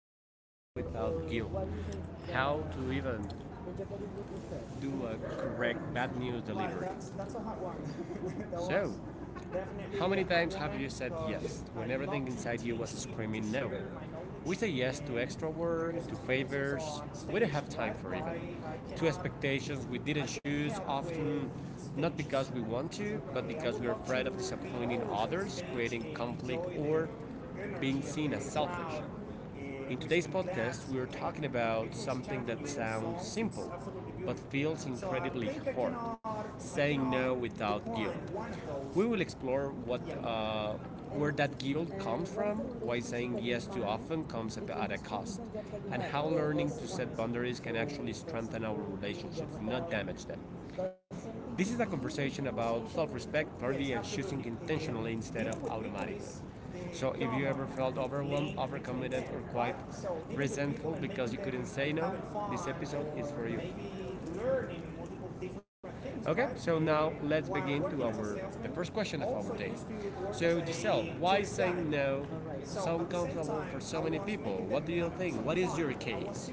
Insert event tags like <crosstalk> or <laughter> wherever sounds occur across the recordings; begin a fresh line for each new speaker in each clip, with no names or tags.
how to say no without guilt, how to even do a correct bad news delivery. So, how many times have you said yes when everything inside you was screaming no? We say yes to extra work, to favors we didn't have time for even, to expectations we didn't choose often, not because we want to, but because we're afraid of disappointing others, creating conflict, or being seen as selfish. In today's podcast, we are talking about something that sounds simple but feels incredibly hard, saying no without guilt. We will explore where that guilt comes from, why saying yes too often comes at a cost, and how learning to set boundaries can actually strengthen our relationships, not damage them. This is a conversation about self respect, clarity, and choosing intentionally instead of automatically. So, if you ever felt overwhelmed, overcommitted, or quite resentful because you couldn't say no, this episode is for you. Okay, so now let's begin to our the first question of our day. So, Giselle, why is saying no so uncomfortable for so many people? What do you think? What is your case?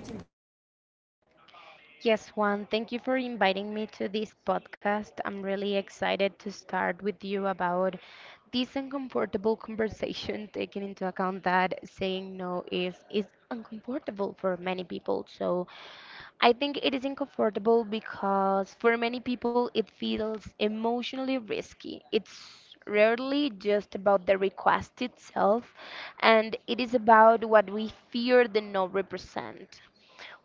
Yes, Juan, thank you for inviting me to this podcast. I'm really excited to start with you about this uncomfortable <laughs> conversation, taking into account that saying no is uncomfortable for many people. So I think it is uncomfortable because for many people it feels emotionally risky. It's rarely just about the request itself, and it is about what we fear the no represent.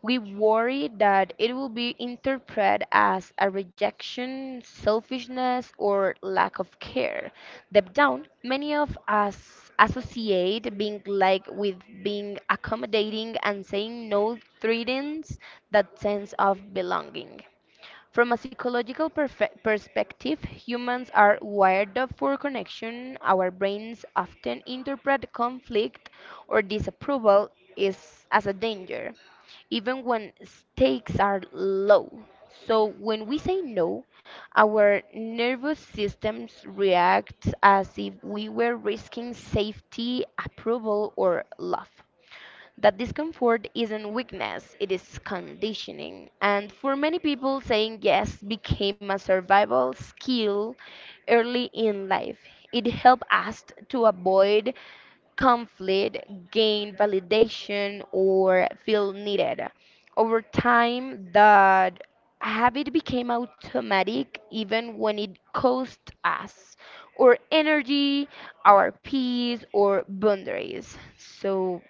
We worry that it will be interpreted as a rejection, selfishness, or lack of care. Deep down, many of us associate being like with being accommodating and saying no threatens that sense of belonging. From a psychological perspective, humans are wired up for connection. Our brains often interpret conflict or disapproval is as a danger even when stakes are low. So when we say no, our nervous systems react as if we were risking safety, approval, or love. That discomfort isn't weakness, it is conditioning. And for many people, saying yes became a survival skill early in life. It helped us to avoid conflict, gain validation, or feel needed. Over time, that habit became automatic even when it cost us our energy, our peace, or boundaries. So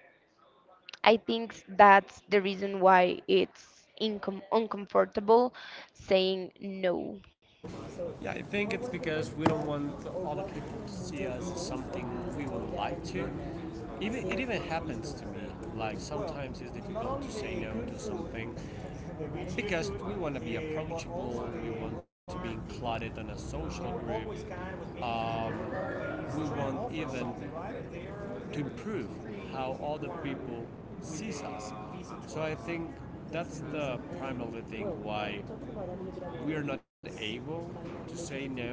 I think that's the reason why it's uncomfortable saying no.
Yeah, I think it's because we don't want other people to see us as something we would like to. Even it even happens to me. Like sometimes it's difficult to say no to something because we want to be approachable. We want to be included in a social group. We want even to improve how other people sees us. So I think that's the primary thing why we are not able to say no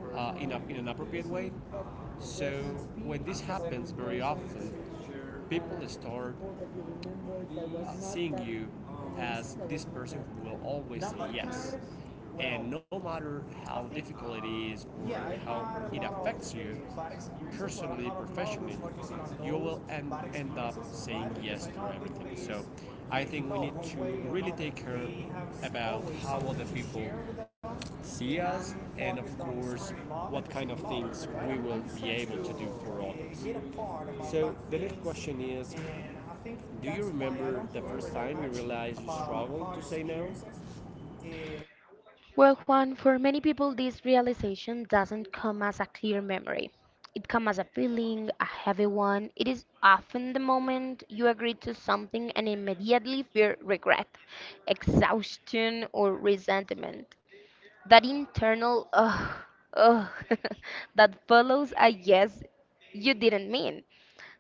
in an appropriate way. So when this happens very often, people start seeing you as this person who will always say yes. And no matter how difficult it is or how it affects you, personally, professionally, you will end up saying yes to everything. So I think we need to really take care about how other people see us, and of course what kind of things we will be able to do for others. So the next question is, do you remember the first time you realized you struggled to say no?
Well, Juan, for many people, this realization doesn't come as a clear memory. It comes as a feeling, a heavy one. It is often the moment you agree to something and immediately feel regret, exhaustion, or resentment. That internal ugh, ugh, <laughs> that follows a yes you didn't mean.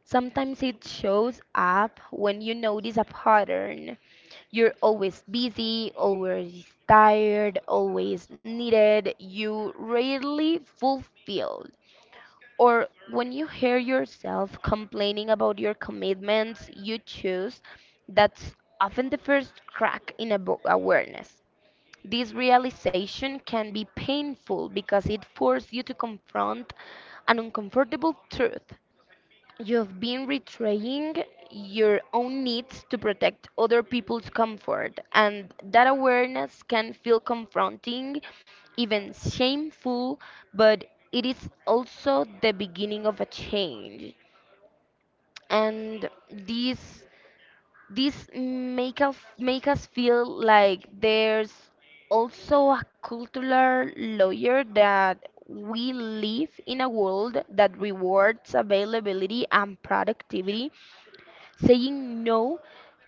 Sometimes it shows up when you notice a pattern you're always busy, always tired, always needed. You rarely fulfilled. Or when you hear yourself complaining about your commitments you choose, that's often the first crack in a awareness. This realization can be painful because it forces you to confront an uncomfortable truth. You've been betraying your own needs to protect other people's comfort, and that awareness can feel confronting, even shameful, but it is also the beginning of a change. And these make us feel like there's also a cultural layer that we live in a world that rewards availability and productivity. Saying no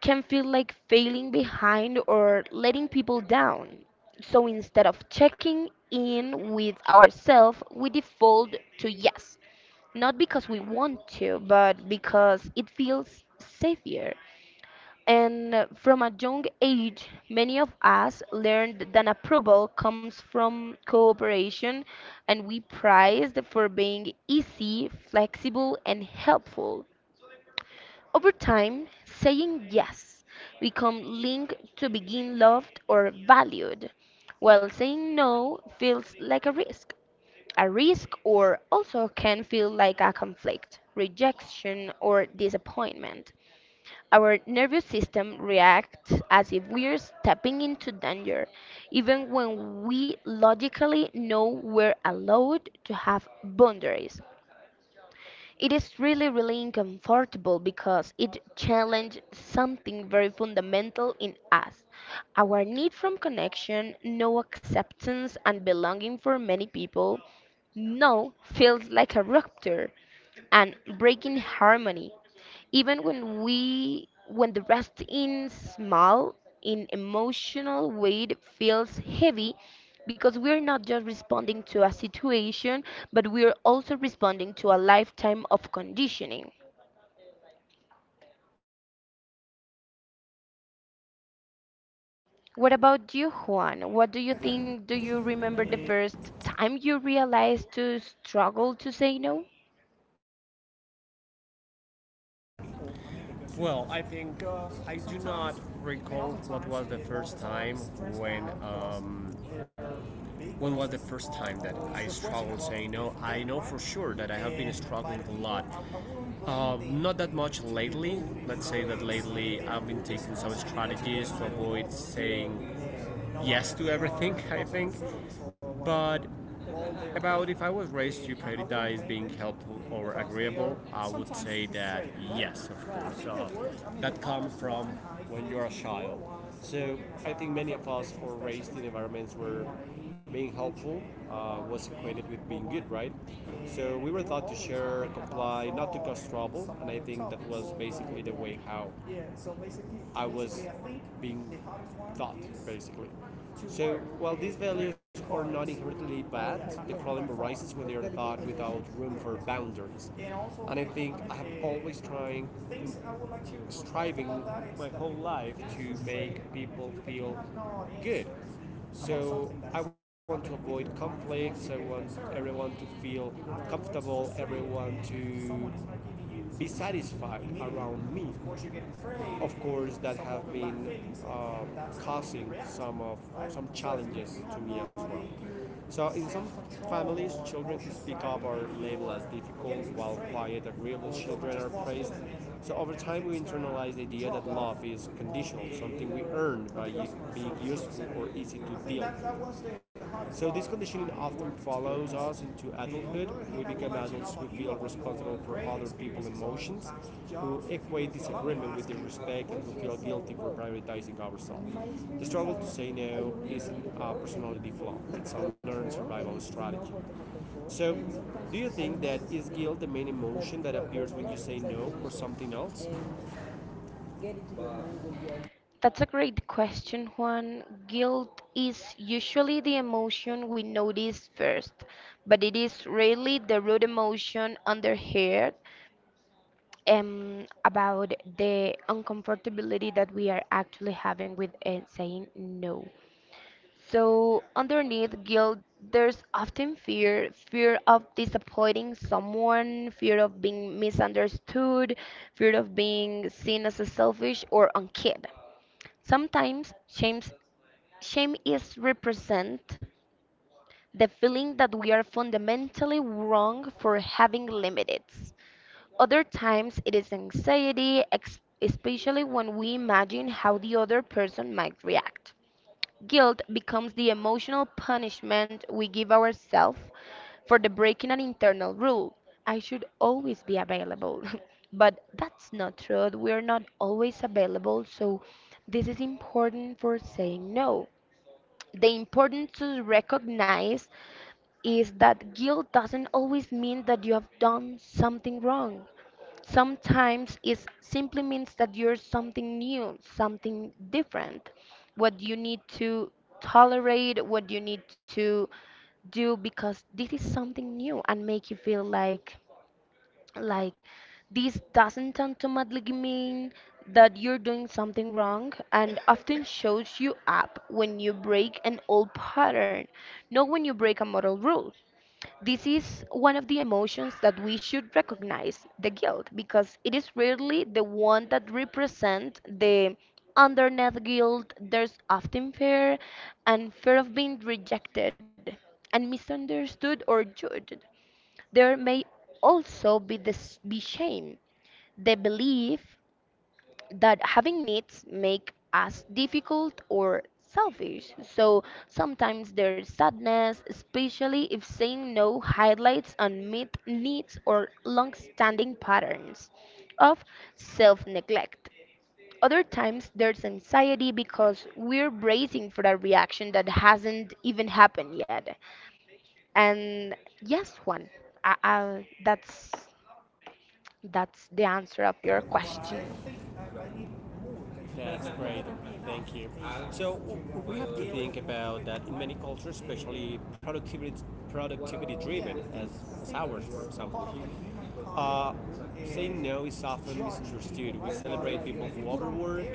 can feel like failing behind or letting people down. So instead of checking in with ourselves, we default to yes. Not because we want to, but because it feels safer. And from a young age, many of us learned that approval comes from cooperation and we prized for being easy, flexible, and helpful. Over time, saying yes become linked to being loved or valued, while saying no feels like a risk. A risk or also can feel like a conflict, rejection or disappointment. Our nervous system reacts as if we're stepping into danger, even when we logically know we're allowed to have boundaries. It is really, really uncomfortable because it challenges something very fundamental in us our need from connection, no acceptance and belonging for many people. No feels like a rupture and breaking harmony even when we when the rest in small in emotional weight feels heavy because we're not just responding to a situation but we're also responding to a lifetime of conditioning. What about you, Juan? What do you think? Do you remember the first time you realized to struggle to say no?
Well, I think I do not recall what was the first time, when um, when was the first time that I struggled saying no. I know for sure that I have been struggling a lot. Not that much lately. Let's say that lately I've been taking some strategies to avoid saying yes to everything, <laughs> I think. But about if I was raised to prioritize being helpful or agreeable, I would say that yes, of course. That comes from when you're a child. So I think many of us are raised in environments where being helpful was equated with being good, right? So we were taught to share, comply, not to cause trouble, and I think that was basically the way how I was being taught, basically. So, while these values are not inherently bad, the problem arises when they are taught without room for boundaries. And I think I have always trying, striving my whole life to make people feel good. So I want to avoid conflicts. I want everyone to feel comfortable, everyone to be satisfied around me. Of course, that have been causing some challenges to me as well. So in some families, children who speak up are labeled as difficult, while quiet, agreeable children are praised. So over time, we internalize the idea that love is conditional, something we earn by being useful or easy to deal with. So this conditioning often follows us into adulthood. We become adults who feel responsible for other people's emotions, who equate disagreement with disrespect, and who feel guilty for prioritizing ourselves. The struggle to say no isn't a personality flaw; it's a learned survival strategy. So, do you think that is guilt the main emotion that appears when you say no, or something else?
That's a great question, Juan. Guilt is usually the emotion we notice first, but it is rarely the root emotion under here about the uncomfortability that we are actually having with saying no. So, underneath guilt, there's often fear fear of disappointing someone, fear of being misunderstood, fear of being seen as a selfish or unkid. Sometimes shame, shame is represent the feeling that we are fundamentally wrong for having limits. Other times it is anxiety, especially when we imagine how the other person might react. Guilt becomes the emotional punishment we give ourselves for the breaking an internal rule. I should always be available. <laughs> But that's not true. We're not always available, so this is important for saying no. The important to recognize is that guilt doesn't always mean that you have done something wrong. Sometimes it simply means that you're something new, something different, what you need to tolerate, what you need to do because this is something new and make you feel like this doesn't automatically mean that you're doing something wrong and often shows you up when you break an old pattern, not when you break a moral rule. This is one of the emotions that we should recognize the guilt because it is rarely the one that represents the underneath guilt. There's often fear and fear of being rejected and misunderstood or judged. There may also be, be shame, the belief that having needs make us difficult or selfish. So sometimes there's sadness, especially if saying no highlights unmet needs or long-standing patterns of self-neglect. Other times there's anxiety because we're bracing for a reaction that hasn't even happened yet. And yes, Juan, I, I, that's that's the answer of your question.
That's great. Thank you. So we have to think about that in many cultures, especially productivity driven, as ours, for example. Uh, Saying no is often misunderstood. We celebrate people who overwork,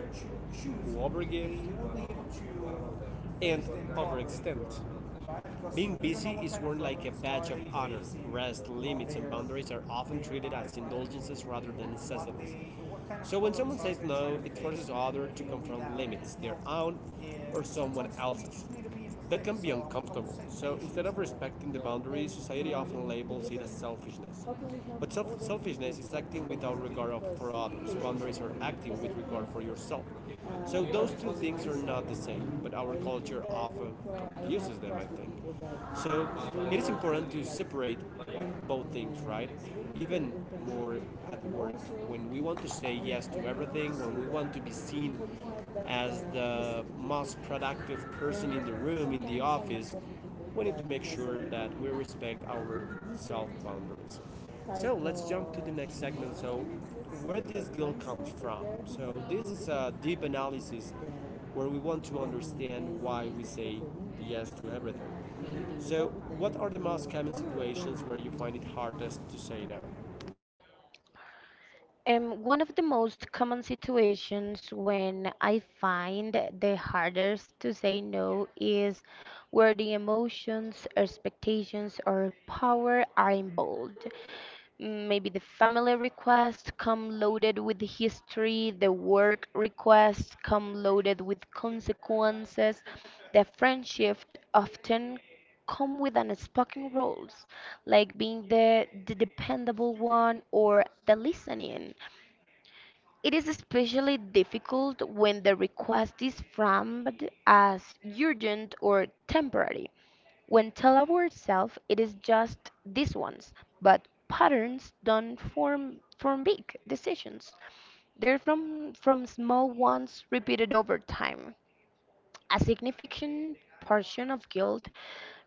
who overgive, and overextend. Being busy is worn like a badge of honor. Rest, limits, and boundaries are often treated as indulgences rather than necessities. So when someone says no, it forces others to confront limits, their own or someone else's. That can be uncomfortable. So instead of respecting the boundaries, society often labels it as selfishness. But selfishness is acting without regard for others. Boundaries are acting with regard for yourself. So those two things are not the same, but our culture often confuses them, I think. So it is important to separate both things, right? Even more at work, when we want to say yes to everything, when we want to be seen as the most productive person in the room, in the office, we need to make sure that we respect our self boundaries. So let's jump to the next segment. So, where this guilt comes from. So, this is a deep analysis where we want to understand why we say yes to everything. So, what are the most common situations where you find it hardest to say no?
One of the most common situations when I find the hardest to say no is where the emotions, expectations, or power are involved. Maybe the family request come loaded with history, the work request come loaded with consequences, the friendship often come with unspoken roles, like being the dependable one or the listening. It is especially difficult when the request is framed as urgent or temporary. When tell ourselves it is just this once, but patterns don't form from big decisions. They're from small ones repeated over time. A significant portion of guilt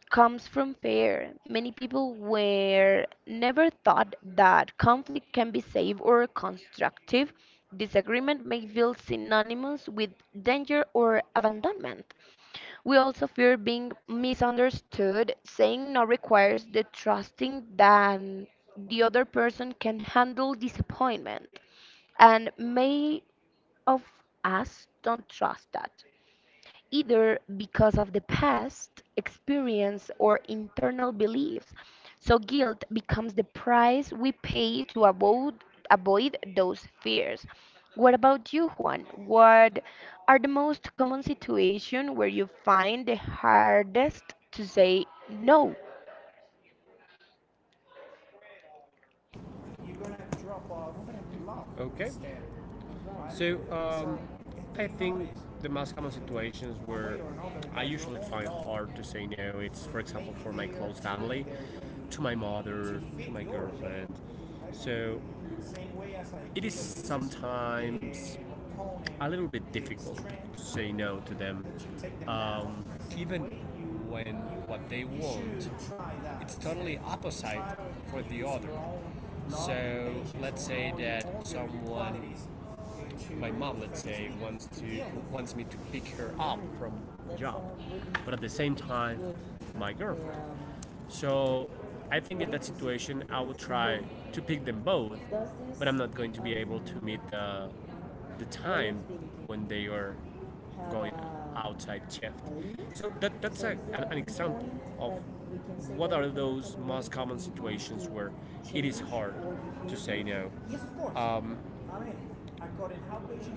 comes from fear. Many people were never thought that conflict can be safe or constructive. Disagreement may feel synonymous with danger or abandonment. We also fear being misunderstood. Saying no requires the trusting that the other person can handle disappointment, and may of us don't trust that either because of the past experience or internal beliefs. So guilt becomes the price we pay to avoid those fears. What about you, Juan? What are the most common situations where you find the hardest to say no?
Okay. So I think the most common situations where I usually find hard to say no, it's for example for my close family, to my mother, to my girlfriend. So it is sometimes a little bit difficult to say no to them, um, even when what they want it's totally opposite for the other. So let's say that someone, my mom, let's say, wants me to pick her up from job, but at the same time, my girlfriend. So I think in that situation, I would try to pick them both, but I'm not going to be able to meet the time when they are going outside shift. So that's an example of what are those most common situations where it is hard to say no.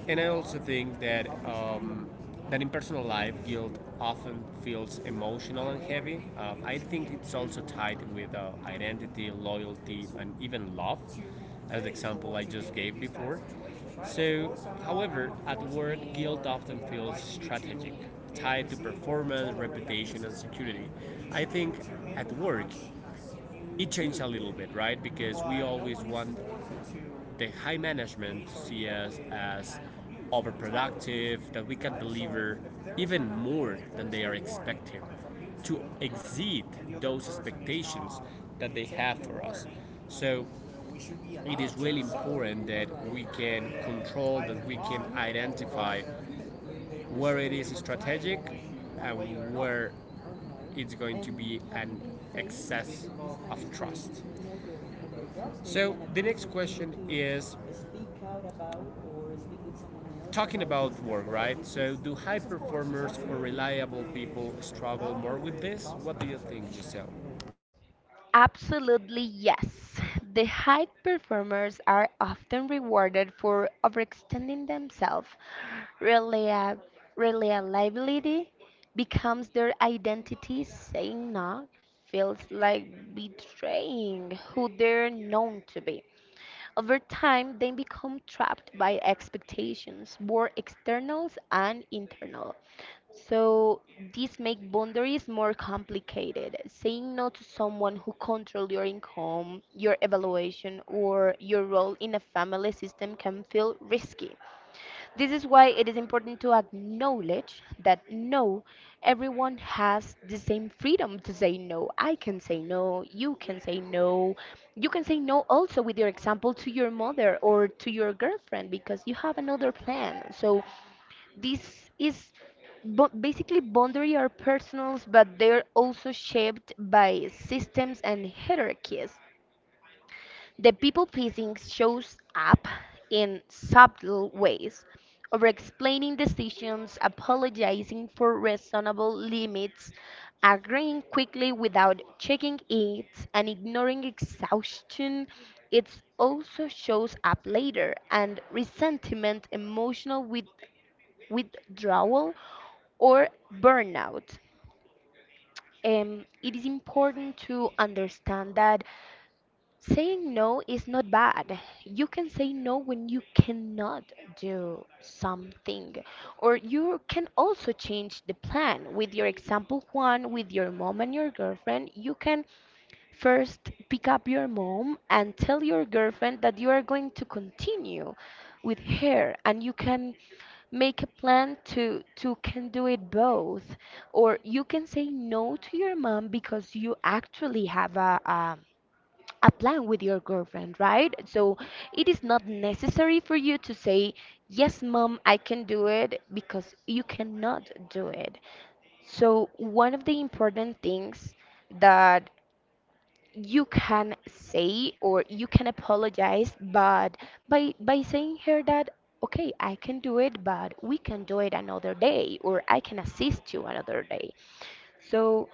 And I also think that that in personal life, guilt often feels emotional and heavy. I think it's also tied with identity, loyalty, and even love, as the example I just gave before. So, however, at work, guilt often feels strategic, tied to performance, reputation, and security. I think at work, it changed a little bit, right? Because we always want the high management see us as overproductive, that we can deliver even more than they are expecting, to exceed those expectations that they have for us. So it is really important that we can control, that we can identify where it is strategic and where it's going to be an excess of trust. So the next question is talking about work, right? So do high performers or reliable people struggle more with this? What do you think, Giselle?
Absolutely, yes. The high performers are often rewarded for overextending themselves. Relia- Reliability becomes their identity. Saying no feels like betraying who they're known to be. Over time, they become trapped by expectations, both externals and internal. So this make boundaries more complicated. Saying no to someone who controls your income, your evaluation, or your role in a family system can feel risky. This is why it is important to acknowledge that no, everyone has the same freedom to say no. I can say no, you can say no. You can say no also with your example to your mother or to your girlfriend because you have another plan. So this is basically boundary are personals, but they're also shaped by systems and hierarchies. The people pleasing shows up in subtle ways, over explaining decisions, apologizing for reasonable limits, agreeing quickly without checking it, and ignoring exhaustion. It also shows up later, and resentment, emotional withdrawal, or burnout. It is important to understand that saying no is not bad. You can say no when you cannot do something, or you can also change the plan. With your example, Juan, with your mom and your girlfriend, you can first pick up your mom and tell your girlfriend that you are going to continue with her and you can make a plan to can do it both or you can say no to your mom because you actually have a a plan with your girlfriend, right? So it is not necessary for you to say, "Yes, mom, I can do it," because you cannot do it. So, one of the important things that you can say or you can apologize, but by saying her that, okay, I can do it, but we can do it another day, or I can assist you another day. So,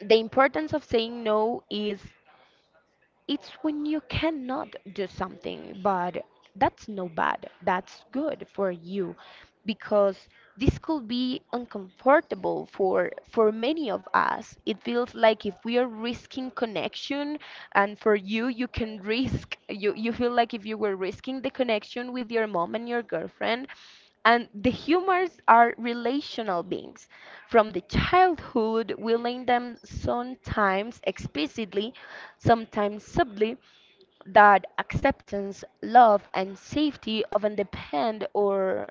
the importance of saying no is it's when you cannot do something, but that's no bad. That's good for you because this could be uncomfortable for many of us. It feels like if we are risking connection and for you you can risk you feel like if you were risking the connection with your mom and your girlfriend and the humors are relational beings. From the childhood, we learn them sometimes explicitly, sometimes subtly, that acceptance, love, and safety often depend on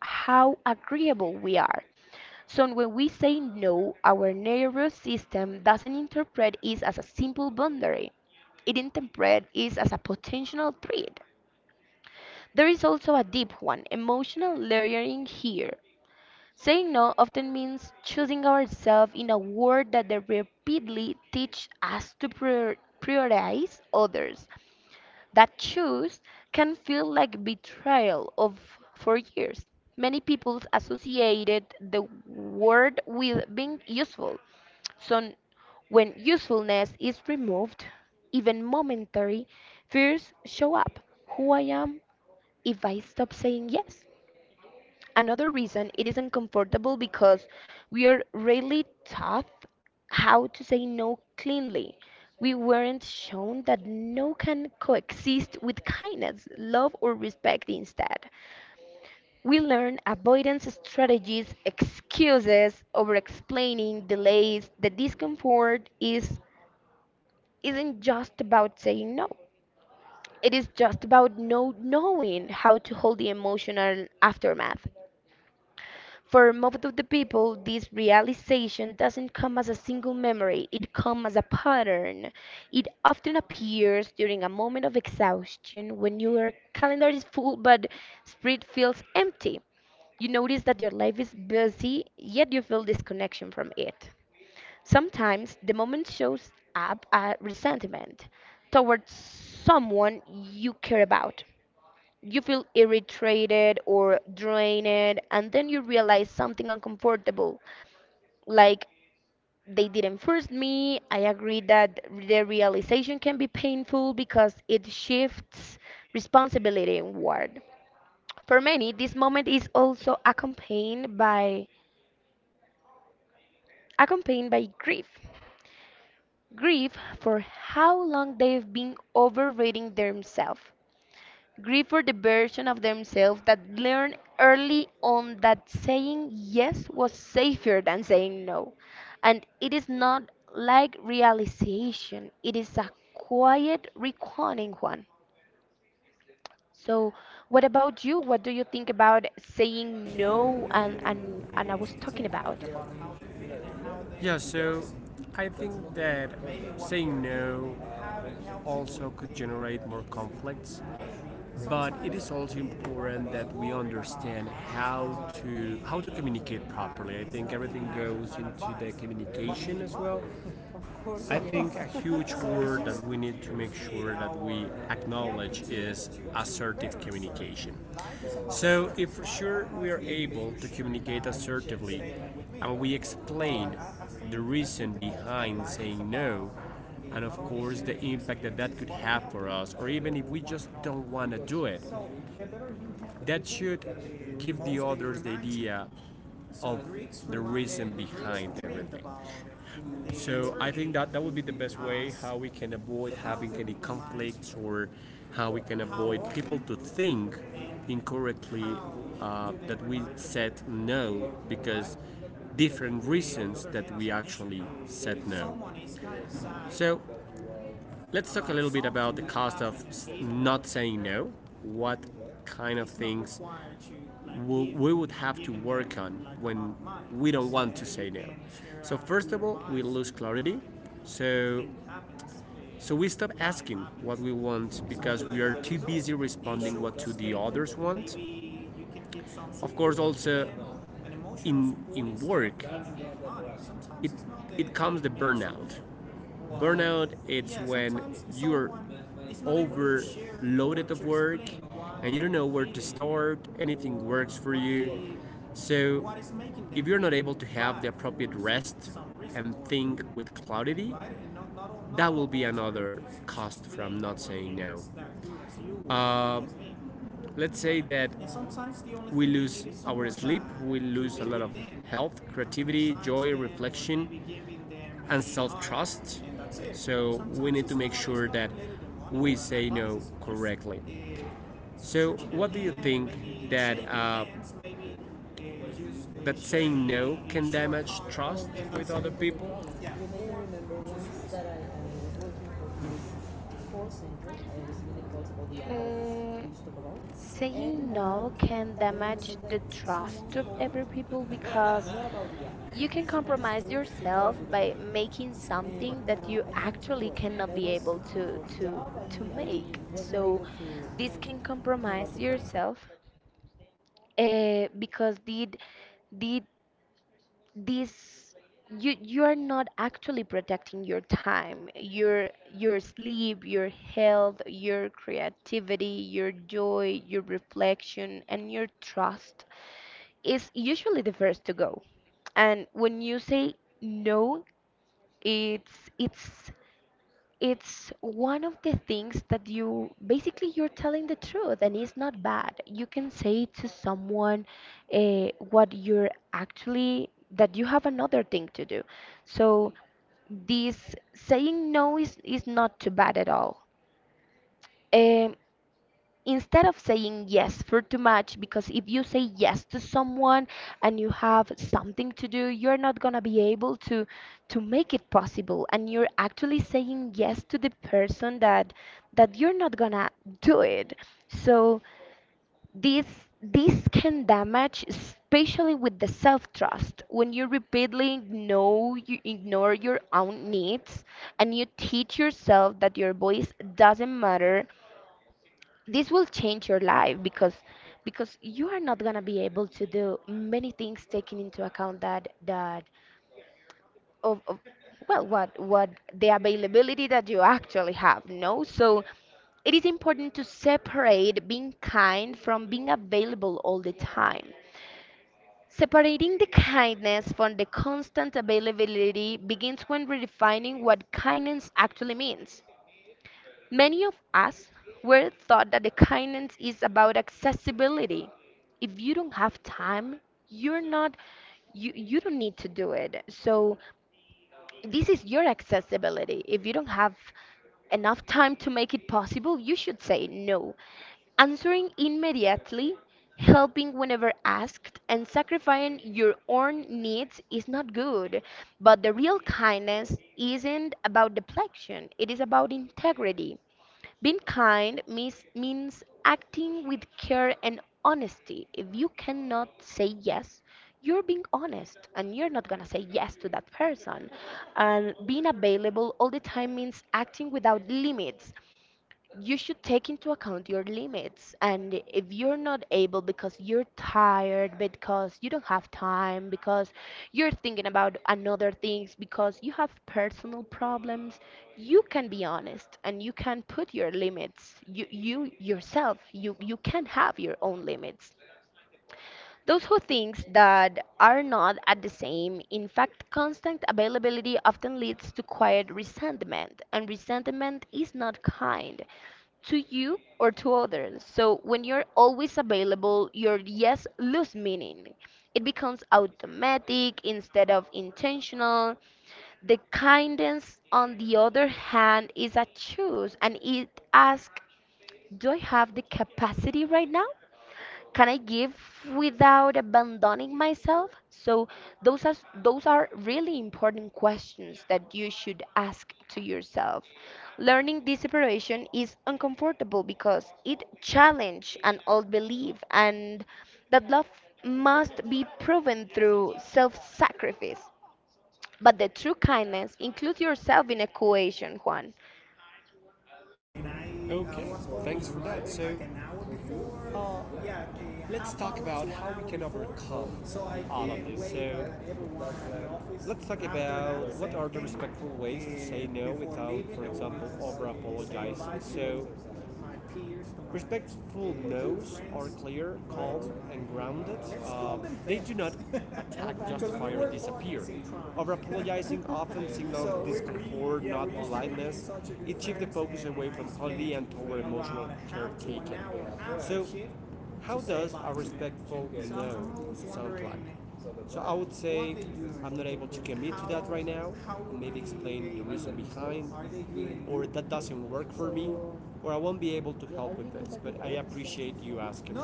how agreeable we are. So when we say no, our nervous system doesn't interpret it as a simple boundary. It interprets it as a potential threat. There is also a deep one, emotional layering here. Saying no often means choosing ourselves in a world that they repeatedly teach us to prioritize others. That choice can feel like betrayal of for years. Many people associated the word with being useful. So when usefulness is removed, even momentary, fears show up. Who I am if I stop saying yes? Another reason it isn't comfortable because we are really taught how to say no cleanly. We weren't shown that no can coexist with kindness, love, or respect instead. We learn avoidance strategies, excuses, over explaining, delays. The discomfort is isn't just about saying no. It is just about no knowing how to hold the emotional aftermath. For most of the people, this realization doesn't come as a single memory, it comes as a pattern. It often appears during a moment of exhaustion when your calendar is full but spirit feels empty. You notice that your life is busy, yet you feel disconnection from it. Sometimes the moment shows up as resentment towards someone you care about, you feel irritated or drained, and then you realize something uncomfortable. Like, they didn't force me. I agree that the realization can be painful because it shifts responsibility inward. For many, this moment is also accompanied by grief. Grief for how long they've been overrating themselves. Grieve for the version of themselves that learned early on that saying yes was safer than saying no. And it is not like realization, it is a quiet, reconning one. So, what about you? What do you think about saying no and I was talking about?
Yeah, so I think that saying no also could generate more conflicts, but it is also important that we understand how to communicate properly. I think everything goes into the communication as well. I think a huge word that we need to make sure that we acknowledge is assertive communication. So, if for sure we are able to communicate assertively and we explain the reason behind saying no, and of course the impact that that could have for us, or even if we just don't want to do it, that should give the others the idea of the reason behind everything. So I think that that would be the best way how we can avoid having any conflicts, or how we can avoid people to think incorrectly that we said no because different reasons that we actually said no. So let's talk a little bit about the cost of not saying no. What kind of things we would have to work on when we don't want to say no. So first of all, we lose clarity. So So we stop asking what we want because we are too busy responding what to the others want. Of course, also in in work, it it comes the burnout. Burnout it's when you're overloaded of work and you don't know where to start, anything works for you. So if you're not able to have the appropriate rest and think with clarity, that will be another cost from not saying no. Let's say that we lose our sleep, we lose a lot of health, creativity, joy, reflection, and self trust. So we need to make sure that we say no correctly. So, what do you think that uh, that saying no can damage trust with other people? You may remember once that I was working for this call center. I was getting calls about the app
Mm,
we used to belong. And
saying
no,
no can
I
damage
remember
the
that
trust of every
someone
people because
called. You
you can
can compromise
compromise
yourself
yourself
by
by
making
making
something
something
that
that
you
you actually
actually
cannot be able
cannot
to
be
to to make. So
able to.
this
This can
can compromise
compromise yourself.
yourself because did this you you're not actually protecting your time, your sleep, your health, your creativity, your joy, your reflection, and your trust is usually the first to go. And when you say no, it's it's it's one of the things that you basically you're telling the truth, and it's not bad. You can say to someone what you're actually that you have another thing to do. So this saying no is not too bad at all. Um, Instead of saying yes for too much, because if you say yes to someone and you have something to do, you're not going to be able to make it possible, and you're actually saying yes to the person that that you're not going to do it. So this this can damage especially with the self-trust when you repeatedly know you ignore your own needs and you teach yourself that your voice doesn't matter. This will change your life because you are not going to be able to do many things, taking into account that that of well what the availability that you actually have, no. So it is important to separate being kind from being available all the time. Separating the kindness from the constant availability begins when redefining what kindness actually means. Many of us were taught that the kindness is about accessibility. If you don't have time, you're not you you don't need to do it. So this is your accessibility. If you don't have enough time to make it possible, you should say no. Answering immediately, helping whenever asked, and sacrificing your own needs is not good. But the real kindness isn't about deflection, it is about integrity. Being kind means, acting with care and honesty. If you cannot say yes, you're being honest and you're not gonna say yes to that person. And being available all the time means acting without limits. You should take into account your limits, and if you're not able because you're tired, because you don't have time, because you're thinking about another things, because you have personal problems, you can be honest and you can put your limits. You you yourself you you can have your own limits. Those who think that are not at the same, in fact constant availability often leads to quiet resentment, and resentment is not kind to you or to others. So when you're always available, your yes lose meaning. It becomes automatic instead of intentional. The kindness, on the other hand, is a choice, and it asks, do I have the capacity right now? Can I give without abandoning myself? So those are those are really important questions that you should ask to yourself. Learning this separation is uncomfortable because it challenges an old belief and that love must be proven through self-sacrifice. But the true kindness includes yourself in equation, Juan.
Okay, thanks for that. So let's talk about how we can overcome all of this. So let's talk about what are the respectful ways to say no without, for example, over apologizing. So respectful no's are clear, calm, and grounded. Uh, they do not attack, justify, or disappear. Over apologizing often signals discomfort, not politeness. It shifts the focus away from quality and toward emotional caretaking. So, how does a respectful no sound like? So I would say, I'm not able to commit to that right now, and maybe explain the reason behind, or that doesn't work for me, or I won't be able to help with this, but I appreciate you asking.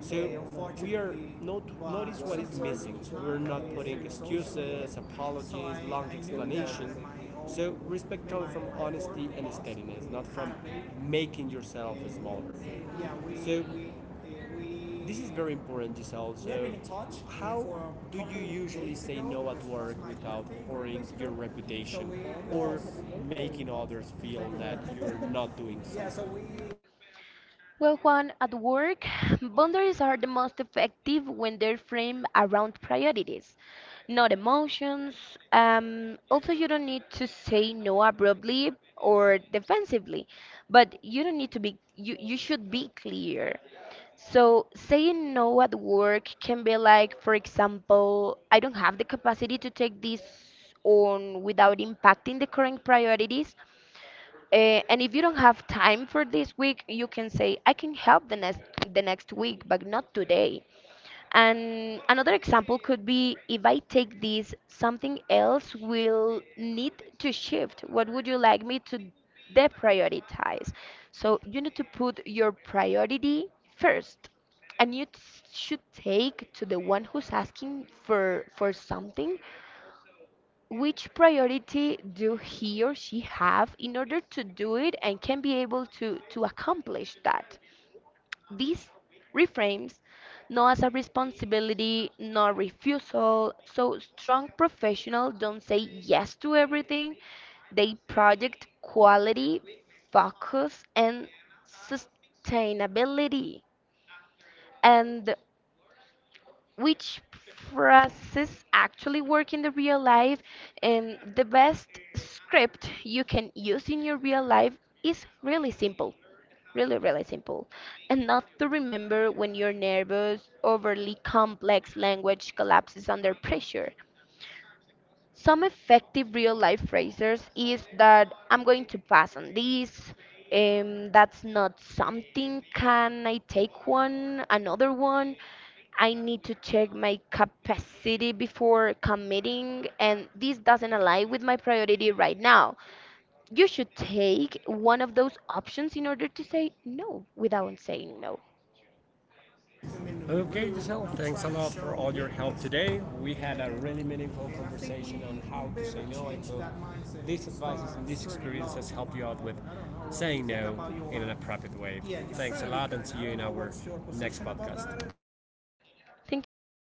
So we are not notice what is missing. We're not putting excuses, apologies, long explanations. So respect comes from honesty and steadiness, not from making yourself smaller. So this is very important, Giselle. So, how do you usually say no at work without birthday hurting your reputation or making others feel that you're not doing something?
Well, Juan, at work, boundaries are the most effective when they're framed around priorities, not emotions. Also, you don't need to say no abruptly or defensively, but you don't need to be, you should be clear. So, saying no at work can be like, for example, I don't have the capacity to take this on without impacting the current priorities, and if you don't have time for this week, you can say, I can help the next week, but not today. And another example could be, if I take this, something else will need to shift. What would you like me to deprioritize? So you need to put your priority first, and you should take to the one who's asking for something, which priority do he or she have in order to do it and can be able to accomplish that. This reframes not as a responsibility nor refusal. So strong professionals don't say yes to everything. They project quality, focus, and sustainability. And which phrases actually work in the real life, and the best script you can use in your real life is really simple, really simple, and not to remember when your nervous overly complex language collapses under pressure. Some effective real life phrases is that, I'm going to pass on this. That's not something. Can I take one? Another one? I need to check my capacity before committing, and this doesn't align with my priority right now. You should take one of those options in order to say no without saying no.
Okay, Giselle, thanks a lot for all your help today. We had a really meaningful conversation on how to say no. I hope these advices and these experiences help you out with saying no in an appropriate way. Thanks a lot and see you in our next podcast.
Thank you too.